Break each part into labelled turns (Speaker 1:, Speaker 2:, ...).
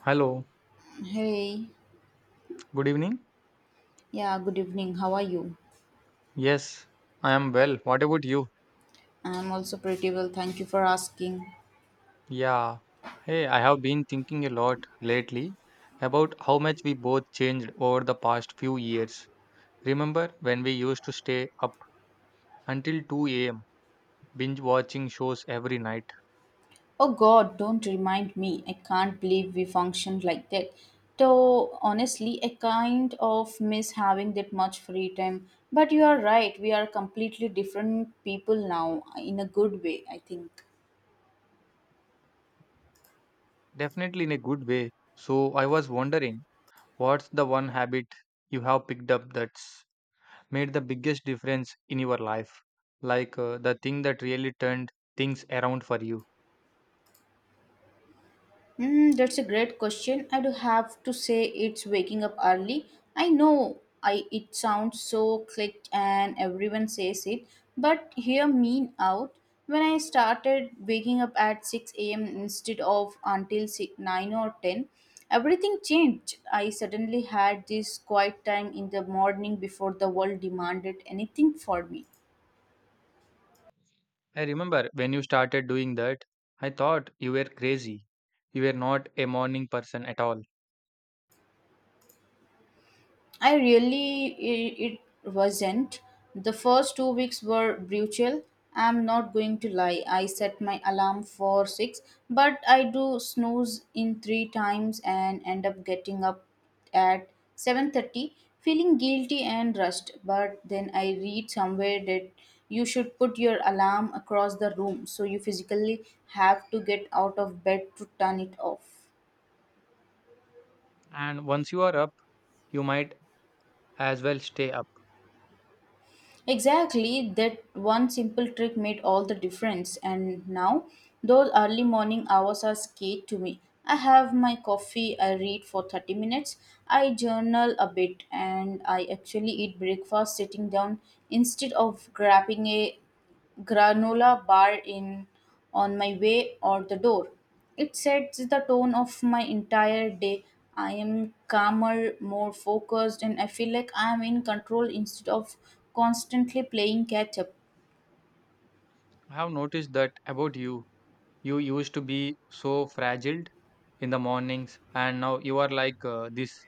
Speaker 1: Hello,
Speaker 2: Hey,
Speaker 1: good evening.
Speaker 2: yeah, good evening. How are you?
Speaker 1: Yes, I am well. What about you?
Speaker 2: I'm also pretty well. Thank you for asking.
Speaker 1: Yeah. Hey, I have been thinking a lot lately about how much we both changed over the past few years. Remember when we used to stay up until 2 a.m., binge watching shows every night?
Speaker 2: Oh God, don't remind me. I can't believe we functioned like that. Though honestly, I kind of miss having that much free time. But you are right. We are completely different people now, in a good way, I think.
Speaker 1: Definitely in a good way. So I was wondering, what's the one habit you have picked up that's made the biggest difference in your life? The thing that really turned things around for you?
Speaker 2: Mm, that's a great question. I do have to say it's waking up early. I know I it sounds so clicked and everyone says it, but hear me out. When I started waking up at 6 a.m. instead of until 6, 9 or 10, everything changed. I suddenly had this quiet time in the morning before the world demanded anything for me.
Speaker 1: I remember when you started doing that, I thought you were crazy. You were not a morning person at all.
Speaker 2: I really it wasn't. The first 2 weeks were brutal. I'm not going to lie. I set my alarm for 6, but I do snooze in 3 times and end up getting up at 7:30 feeling guilty and rushed. But then I read somewhere that you should put your alarm across the room so you physically have to get out of bed to turn it off.
Speaker 1: And once you are up, you might as well stay up.
Speaker 2: Exactly, that one simple trick made all the difference. And now, those early morning hours are scared to me. I have my coffee, I read for 30 minutes, I journal a bit, and I actually eat breakfast sitting down instead of grabbing a granola bar in on my way out the door. It sets the tone of my entire day. I am calmer, more focused, and I feel like I am in control instead of constantly playing catch up.
Speaker 1: I have noticed that about you. You used to be so fragile in the mornings, and now you are this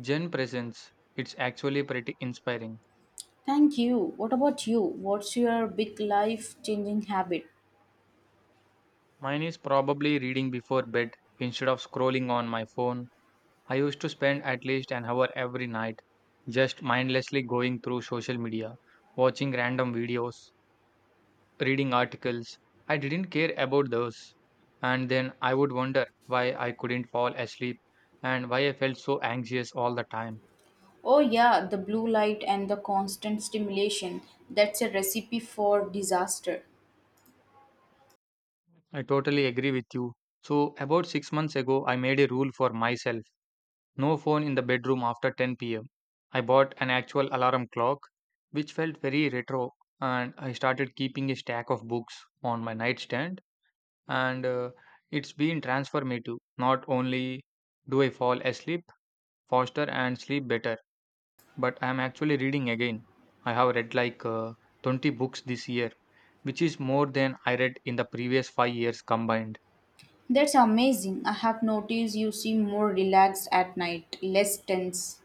Speaker 1: gen presence. It's actually pretty inspiring.
Speaker 2: Thank you. What about you? What's your big life changing habit?
Speaker 1: Mine is probably reading before bed instead of scrolling on my phone. I used to spend at least an hour every night just mindlessly going through social media, watching random videos, reading articles. I didn't care about those. And then I would wonder why I couldn't fall asleep and why I felt so anxious all the time.
Speaker 2: Oh, yeah, the blue light and the constant stimulation. That's a recipe for disaster.
Speaker 1: I totally agree with you. So, about 6 months ago, I made a rule for myself. No phone in the bedroom after 10 pm. I bought an actual alarm clock, which felt very retro, and I started keeping a stack of books on my nightstand. And It's been transformative. Not only do I fall asleep faster and sleep better, but I am actually reading again. I have read 20 books this year, which is more than I read in the previous 5 years combined.
Speaker 2: That's amazing. I have noticed you seem more relaxed at night, less tense.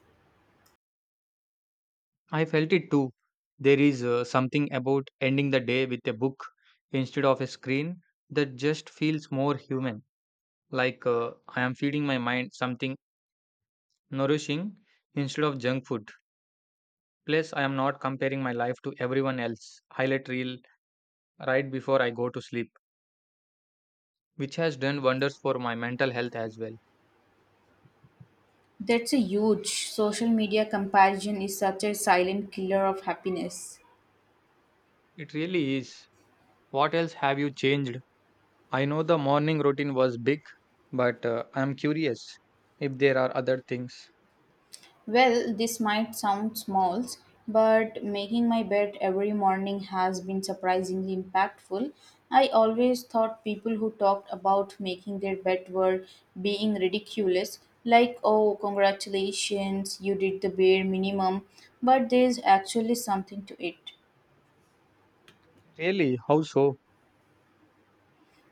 Speaker 1: I felt it too. There is Something about ending the day with a book instead of a screen that just feels more human. I am feeding my mind something nourishing instead of junk food. Plus, I am not comparing my life to everyone else. Highlight reel right before I go to sleep, which has done wonders for my mental health as well.
Speaker 2: That's a huge social media comparison is such a silent killer of happiness.
Speaker 1: It really is. What else have you changed? I know the morning routine was big, but I am curious if there are other things.
Speaker 2: Well, this might sound small, but making my bed every morning has been surprisingly impactful. I always thought people who talked about making their bed were being ridiculous, like, oh, congratulations, you did the bare minimum, but there's actually something to it.
Speaker 1: Really, how so?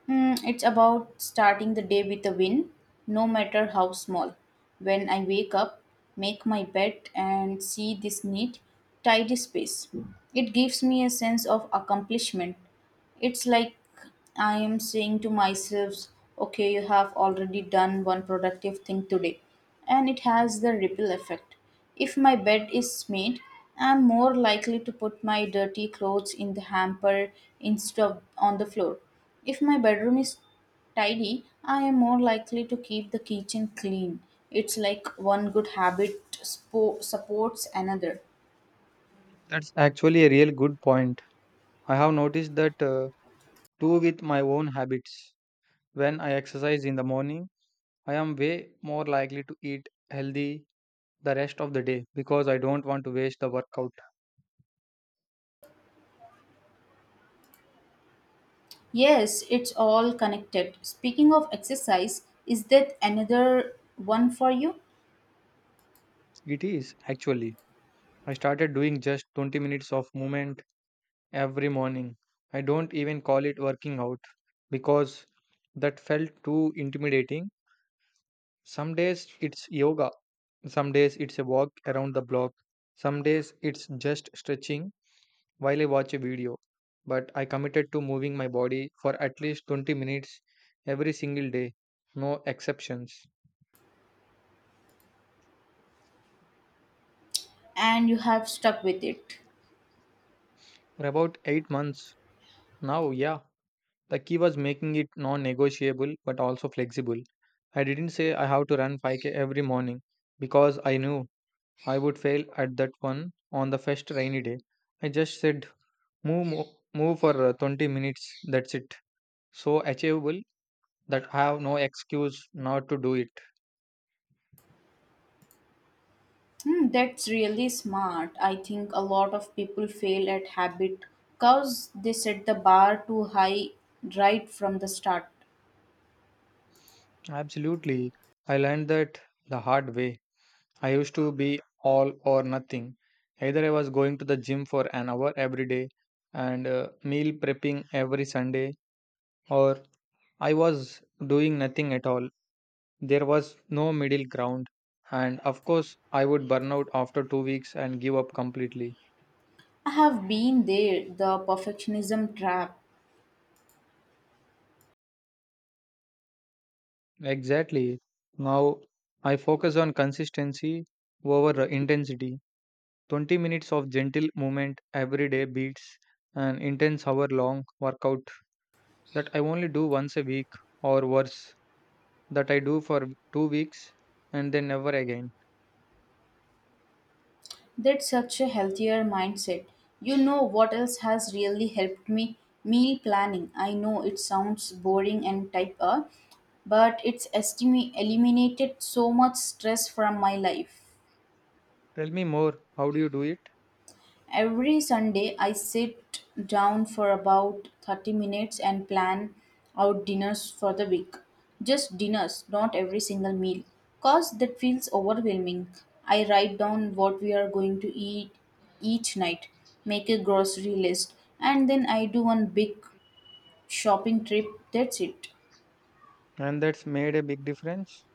Speaker 2: It's about starting the day with a win, no matter how small. When I wake up, make my bed and see this neat, tidy space. It gives me a sense of accomplishment. It's like I am saying to myself, okay, you have already done one productive thing today. And it has the ripple effect. If my bed is made, I'm more likely to put my dirty clothes in the hamper instead of on the floor. If my bedroom is tidy, I am more likely to keep the kitchen clean. It's like one good habit supports another.
Speaker 1: That's actually a real good point. I have noticed that too with my own habits. When I exercise in the morning, I am way more likely to eat healthy the rest of the day because I don't want to waste the workout.
Speaker 2: Yes, it's all connected. Speaking of exercise, is that another one for you?
Speaker 1: It is, actually. I started doing just 20 minutes of movement every morning. I don't even call it working out because that felt too intimidating. Some days it's yoga, some days it's a walk around the block, some days it's just stretching while I watch a video, but I committed to moving my body for at least 20 minutes every single day, no exceptions.
Speaker 2: And you have stuck with it.
Speaker 1: For about 8 months now, yeah, the key was making it non negotiable but also flexible. I didn't say I have to run 5k every morning because I knew I would fail at that one on the first rainy day. I just said move for 20 minutes. That's it. So achievable that I have no excuse not to do it.
Speaker 2: That's really smart. I think a lot of people fail at habit because they set the bar too high right from the start.
Speaker 1: Absolutely. I learned that the hard way. I used to be all or nothing. Either I was going to the gym for an hour every day and meal prepping every Sunday, or I was doing nothing at all. There was no middle ground. And of course, I would burn out after 2 weeks and give up completely.
Speaker 2: I have been there, the perfectionism trap.
Speaker 1: Exactly. Now I focus on consistency over intensity. 20 minutes of gentle movement every day beats an intense hour long workout that I only do once a week, or worse, that I do for 2 weeks and then never again.
Speaker 2: That's such a healthier mindset. You know what else has really helped me? Meal planning. I know it sounds boring and type A, but it's eliminated so much stress from my life.
Speaker 1: Tell me more, how do you do it?
Speaker 2: Every Sunday, I sit down for about 30 minutes and plan out dinners for the week. Just dinners, not every single meal, because that feels overwhelming. I write down what we are going to eat each night, make a grocery list, and then I do one big shopping trip. That's it.
Speaker 1: And that's made a big difference.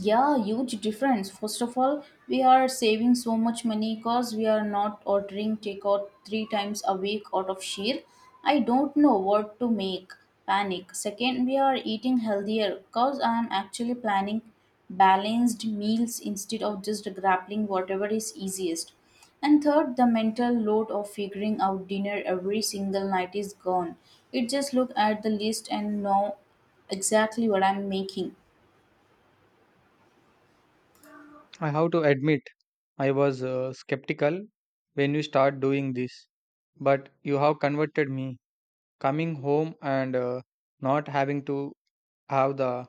Speaker 2: Yeah, huge difference. First of all, we are saving so much money because we are not ordering takeout 3 times a week out of sheer. I don't know what to make. Panic. Second, we are eating healthier because I am actually planning balanced meals instead of just grappling whatever is easiest. And third, the mental load of figuring out dinner every single night is gone. It just look at the list and know exactly what I'm making.
Speaker 1: I have to admit, I was skeptical when you start doing this, but you have converted me. Coming home and not having to have the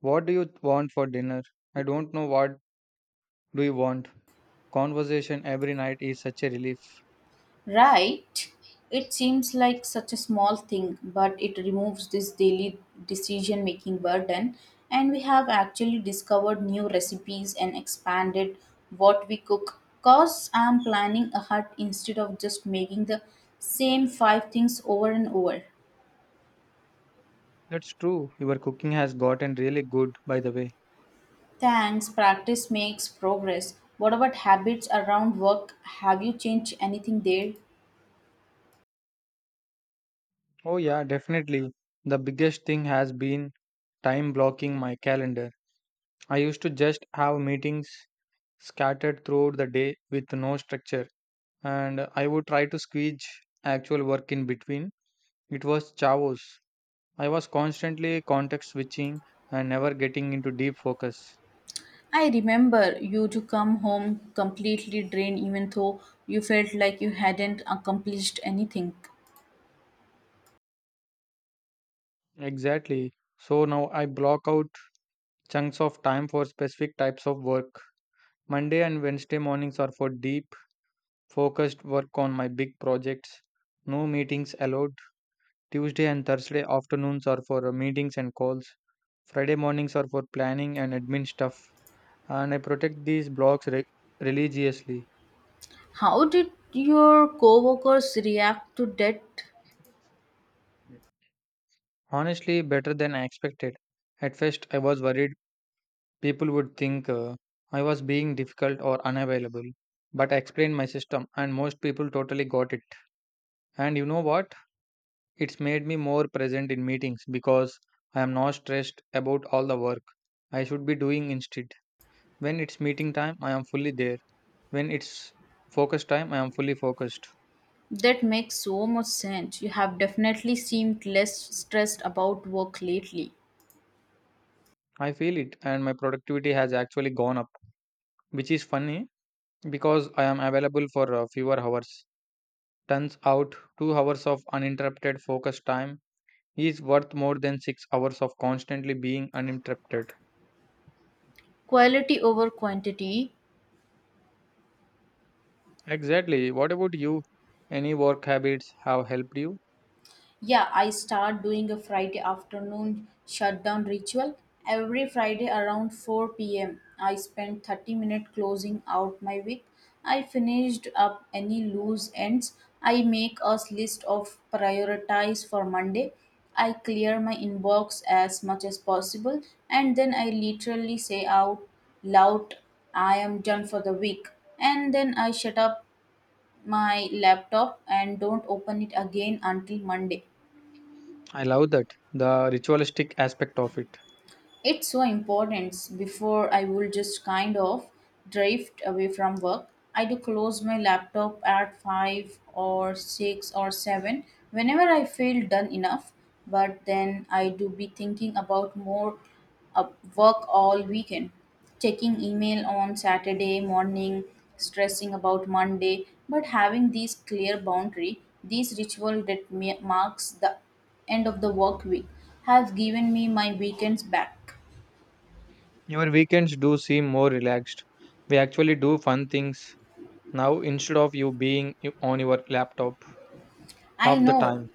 Speaker 1: "what do you want for dinner?" "I don't know, what do you want?" conversation every night is such a relief.
Speaker 2: Right? It seems like such a small thing, but it removes this daily decision making burden. And we have actually discovered new recipes and expanded what we cook. Cause I'm planning ahead instead of just making the same five things over and over.
Speaker 1: That's true. Your cooking has gotten really good, by the way.
Speaker 2: Thanks, practice makes progress. What about habits around work? Have you changed anything there?
Speaker 1: Oh, yeah, definitely. The biggest thing has been time blocking my calendar. I used to just have meetings scattered throughout the day with no structure, and I would try to squeeze actual work in between. It was chaos. I was constantly context switching and never getting into deep focus.
Speaker 2: I remember you to come home completely drained even though you felt like you hadn't accomplished anything.
Speaker 1: Exactly. So now I block out chunks of time for specific types of work. Monday and Wednesday mornings are for deep, focused work on my big projects. No meetings allowed. Tuesday and Thursday afternoons are for meetings and calls. Friday mornings are for planning and admin stuff. And I protect these blocks religiously.
Speaker 2: How did your coworkers react to that?
Speaker 1: Honestly, better than I expected. At first, I was worried people would think I was being difficult or unavailable. But I explained my system, and most people totally got it. And you know what? It's made me more present in meetings because I am not stressed about all the work I should be doing instead. When it's meeting time, I am fully there. When it's focus time, I am fully focused.
Speaker 2: That makes so much sense. You have definitely seemed less stressed about work lately.
Speaker 1: I feel it, and my productivity has actually gone up, which is funny because I am available for fewer hours. Turns out, 2 hours of uninterrupted focus time is worth more than 6 hours of constantly being uninterrupted.
Speaker 2: Quality over quantity.
Speaker 1: Exactly. What about you? Any work habits have helped you?
Speaker 2: Yeah, I start doing a Friday afternoon shutdown ritual. Every Friday around 4 p.m., I spend 30 minutes closing out my week. I finished up any loose ends. I make a list of priorities for Monday. I clear my inbox as much as possible and then I literally say out loud, I am done for the week. And then I shut up my laptop and don't open it again until Monday.
Speaker 1: I love that, the ritualistic aspect of it.
Speaker 2: It's so important. Before I will just kind of drift away from work. I do close my laptop at 5 or 6 or 7 whenever I feel done enough. But then I do be thinking about more uh, work all weekend. Checking email on Saturday morning, stressing about Monday. But having these clear boundary, these ritual that marks the end of the work week, has given me my weekends back.
Speaker 1: Your weekends do seem more relaxed. We actually do fun things now instead of you being on your laptop
Speaker 2: I
Speaker 1: half the
Speaker 2: know.
Speaker 1: time.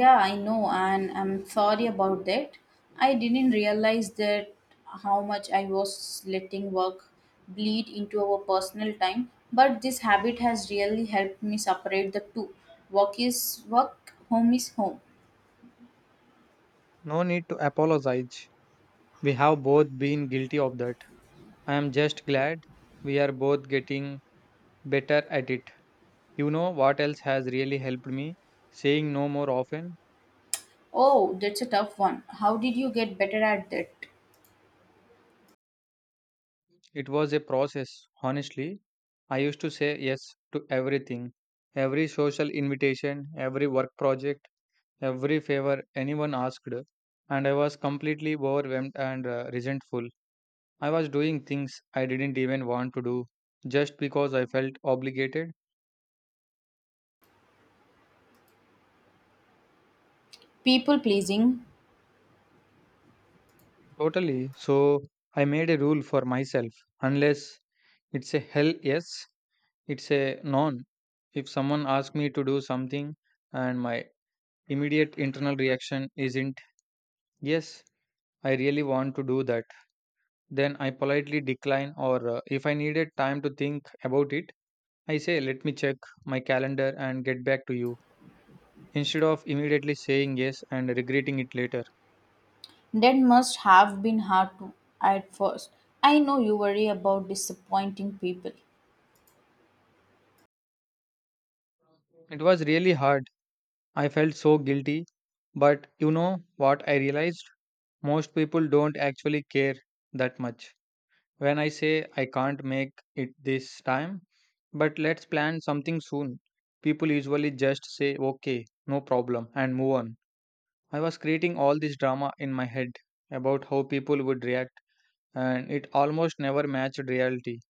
Speaker 2: Yeah, I know, and I'm sorry about that. I didn't realize that how much I was letting work bleed into our personal time, but this habit has really helped me separate the two. Work is work, home is home.
Speaker 1: No need to apologize. We have both been guilty of that. I am just glad we are both getting better at it. You know what else has really helped me? Saying no more often.
Speaker 2: Oh, that's a tough one. How did you get better at that?
Speaker 1: It was a process, honestly. I used to say yes to everything, every social invitation, every work project, every favor anyone asked, and I was completely overwhelmed and resentful. I was doing things I didn't even want to do just because I felt obligated.
Speaker 2: People pleasing,
Speaker 1: Totally. So I made a rule for myself: unless it's a hell yes, it's a non. If someone asks me to do something and my immediate internal reaction isn't, yes, I really want to do that, then I politely decline, or if I needed time to think about it, I say, let me check my calendar and get back to you, instead of immediately saying yes and regretting it later.
Speaker 2: that must have been hard to at first. I know you worry about disappointing people.
Speaker 1: It was really hard. I felt so guilty. But you know what I realized? Most people don't actually care that much. When I say I can't make it this time, but let's plan something soon, people usually just say, okay, no problem, and move on. I was creating all this drama in my head about how people would react, and it almost never matched reality.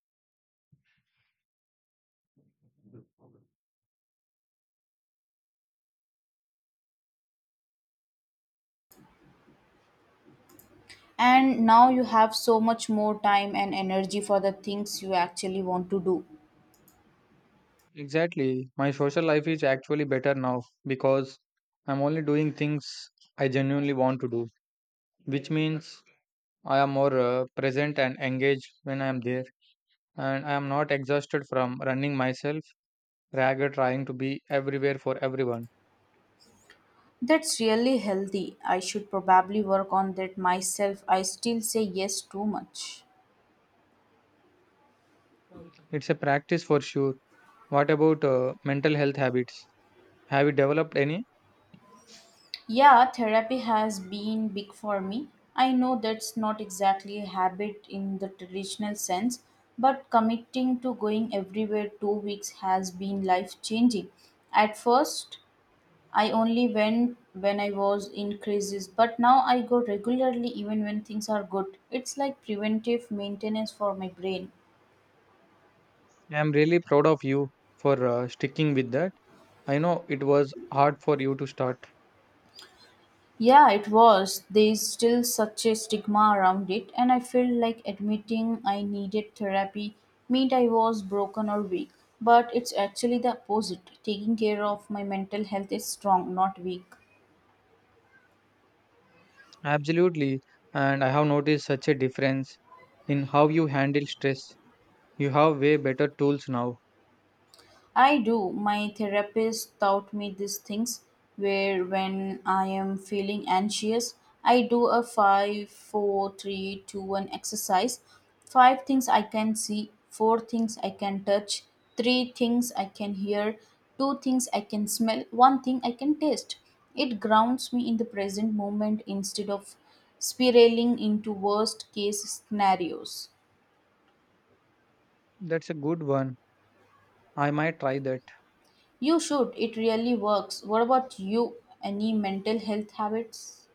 Speaker 2: And now you have so much more time and energy for the things you actually want to do.
Speaker 1: Exactly, my social life is actually better now because I'm only doing things I genuinely want to do, which means I am more present and engaged when I am there, and I am not exhausted from running myself rather trying to be everywhere for everyone.
Speaker 2: That's really healthy. I should probably work on that myself. I still say yes too much.
Speaker 1: It's a practice for sure. What about mental health habits? Have you developed any?
Speaker 2: Yeah, therapy has been big for me. I know that's not exactly a habit in the traditional sense, but committing to going everywhere 2 weeks has been life changing. At first, I only went when I was in crisis, but now I go regularly even when things are good. It's like preventive maintenance for my brain.
Speaker 1: I'm really proud of you for sticking with that. I know it was hard for you to start.
Speaker 2: Yeah, it was. There's still such a stigma around it, and I feel like admitting I needed therapy meant I was broken or weak. But it's actually the opposite. Taking care of my mental health is strong, not weak.
Speaker 1: Absolutely. And I have noticed such a difference in how you handle stress. You have way better tools now.
Speaker 2: I do. My therapist taught me these things where when I am feeling anxious, I do a five, four, three, two, one exercise. 5 things I can see, 4 things I can touch, 3 things I can hear, 2 things I can smell, 1 thing I can taste. It grounds me in the present moment instead of spiraling into worst case scenarios.
Speaker 1: That's a good one. I might try that.
Speaker 2: You should, it really works. What about you? Any mental health habits?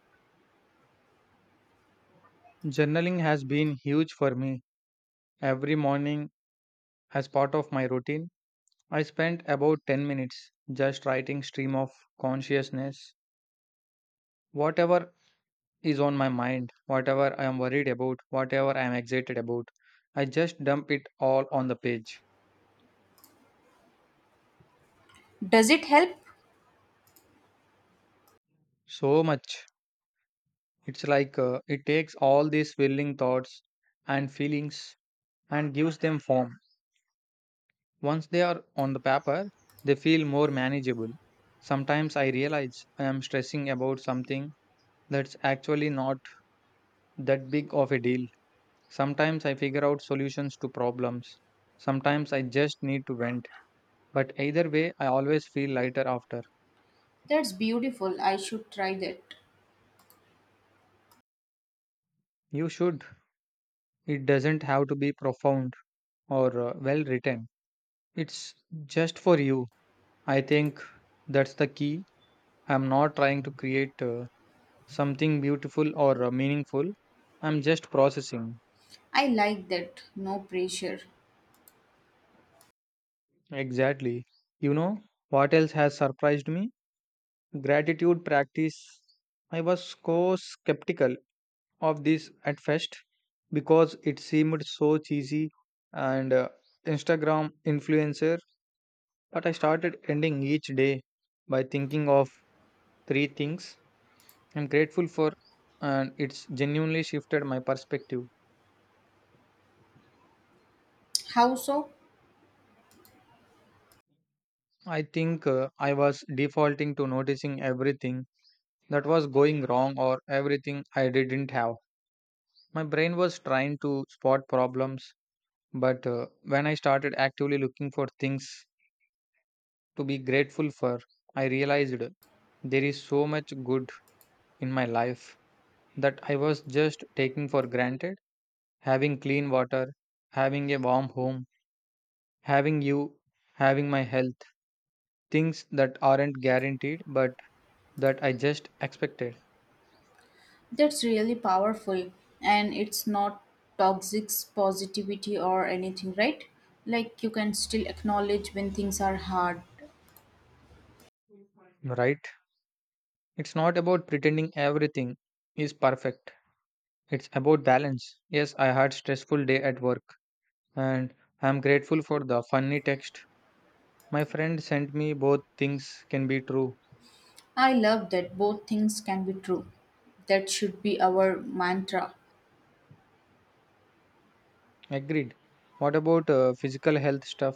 Speaker 1: Journaling has been huge for me. Every morning, as part of my routine, I spent about 10 minutes just writing stream of consciousness. Whatever is on my mind, whatever I am worried about, whatever I am excited about, I just dump it all on the page.
Speaker 2: Does it help?
Speaker 1: So much. It takes all these swirling thoughts and feelings and gives them form. Once they are on the paper, they feel more manageable. Sometimes I realize I am stressing about something that's actually not that big of a deal. Sometimes I figure out solutions to problems. Sometimes I just need to vent. But either way, I always feel lighter after.
Speaker 2: That's beautiful. I should try that.
Speaker 1: You should. It doesn't have to be profound or well written. It's just for you. I think that's the key. I'm not trying to create something beautiful or meaningful. I'm just processing.
Speaker 2: I like that. No pressure.
Speaker 1: Exactly. You know, what else has surprised me? Gratitude practice. I was so skeptical of this at first because it seemed so cheesy and Instagram influencer, but I started ending each day by thinking of 3 things I'm grateful for, and it's genuinely shifted my perspective.
Speaker 2: How so?
Speaker 1: I was defaulting to noticing everything that was going wrong or everything I didn't have. My brain was trying to spot problems, but when I started actively looking for things to be grateful for, I realized there is so much good in my life that I was just taking for granted. Having clean water, having a warm home, having you, having my health, things that aren't guaranteed but that I just expected,
Speaker 2: That's really powerful. And it's not toxic positivity or anything, right? Like you can still acknowledge when things are hard.
Speaker 1: right? It's not about pretending everything is perfect. It's about balance. Yes, I had stressful day at work and I am grateful for the funny text my friend sent me. Both things can be true.
Speaker 2: I love that both things can be true. That should be our mantra.
Speaker 1: Agreed. What about physical health stuff?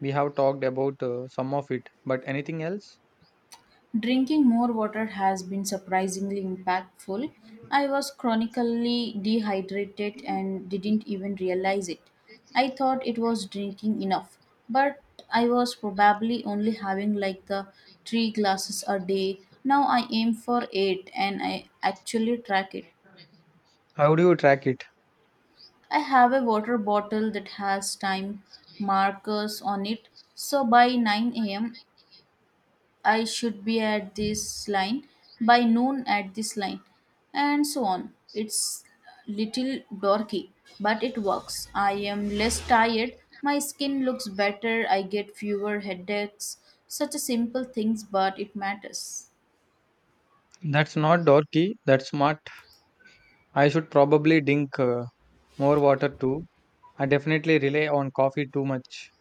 Speaker 1: We have talked about some of it, but anything else?
Speaker 2: Drinking more water has been surprisingly impactful. I was chronically dehydrated and didn't even realize it. I thought it was drinking enough, but I was probably only having like the 3 glasses a day. Now I aim for 8 and I actually track it.
Speaker 1: How do you track it?
Speaker 2: I have a water bottle that has time markers on it, so by 9 a.m. I should be at this line by noon at this line, and so on. It's little dorky, but it works. I am less tired, my skin looks better, I get fewer headaches. Such a simple things, but it matters.
Speaker 1: That's not dorky, that's smart. I should probably drink more water too. I definitely rely on coffee too much.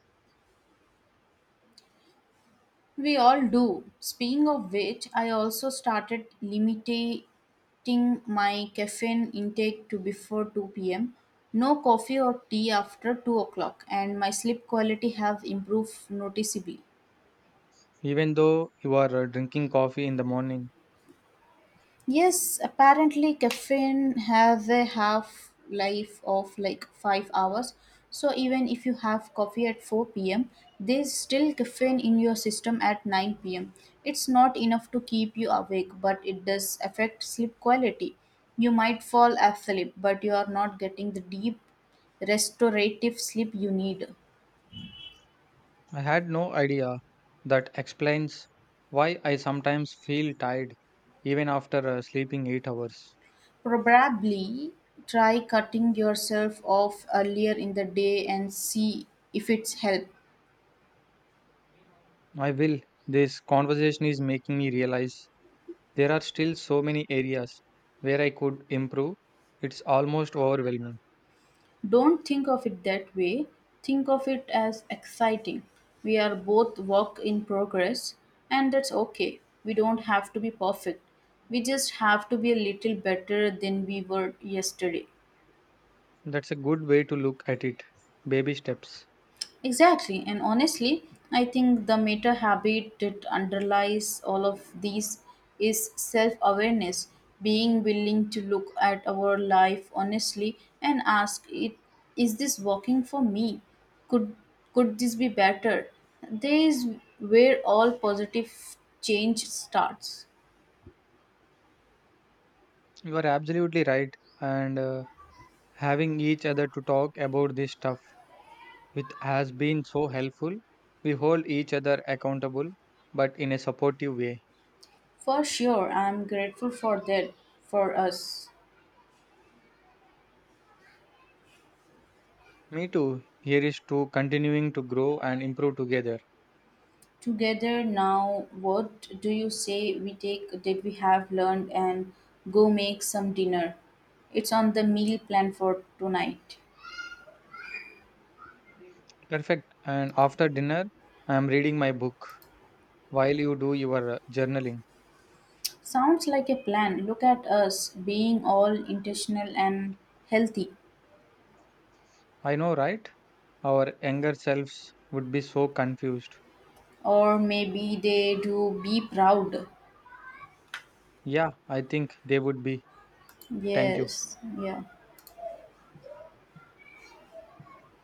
Speaker 2: We all do. Speaking of which, I also started limiting my caffeine intake to before 2 pm. No coffee or tea after 2 o'clock, and my sleep quality have improved noticeably.
Speaker 1: Even though you are drinking coffee in the morning.
Speaker 2: Yes, apparently caffeine has a half life of like 5 hours. So even if you have coffee at 4 p.m., there's still caffeine in your system at 9 p.m. It's not enough to keep you awake, but it does affect sleep quality. You might fall asleep, but you are not getting the deep restorative sleep you need.
Speaker 1: I had no idea. That explains why I sometimes feel tired even after sleeping 8 hours.
Speaker 2: Probably try cutting yourself off earlier in the day and see if it's help.
Speaker 1: I will. This conversation is making me realize there are still so many areas where I could improve. It's almost overwhelming.
Speaker 2: Don't think of it that way. Think of it as exciting. We are both work in progress, and that's okay. We don't have to be perfect. We just have to be a little better than we were yesterday.
Speaker 1: That's a good way to look at it. Baby steps.
Speaker 2: Exactly, and honestly, I think the meta habit that underlies all of these is self awareness, being willing to look at our life honestly and ask it is this working for me? Could could this be better? There is where all positive change starts.
Speaker 1: You are absolutely right. And Having each other to talk about this stuff, which has been so helpful. We hold each other accountable, but in a supportive way.
Speaker 2: For sure, I am grateful for that for us.
Speaker 1: Me too. Here is to continuing to grow and improve together.
Speaker 2: Together now, what do you say we take that we have learned and go make some dinner? It's on the meal plan for tonight.
Speaker 1: Perfect. And after dinner, I am reading my book while you do your journaling.
Speaker 2: Sounds like a plan. Look at us being all intentional and healthy.
Speaker 1: I know, right? Our younger selves would be so confused.
Speaker 2: Or maybe they do be proud.
Speaker 1: Yeah, I think they would be. Thank you.
Speaker 2: Yes, yeah.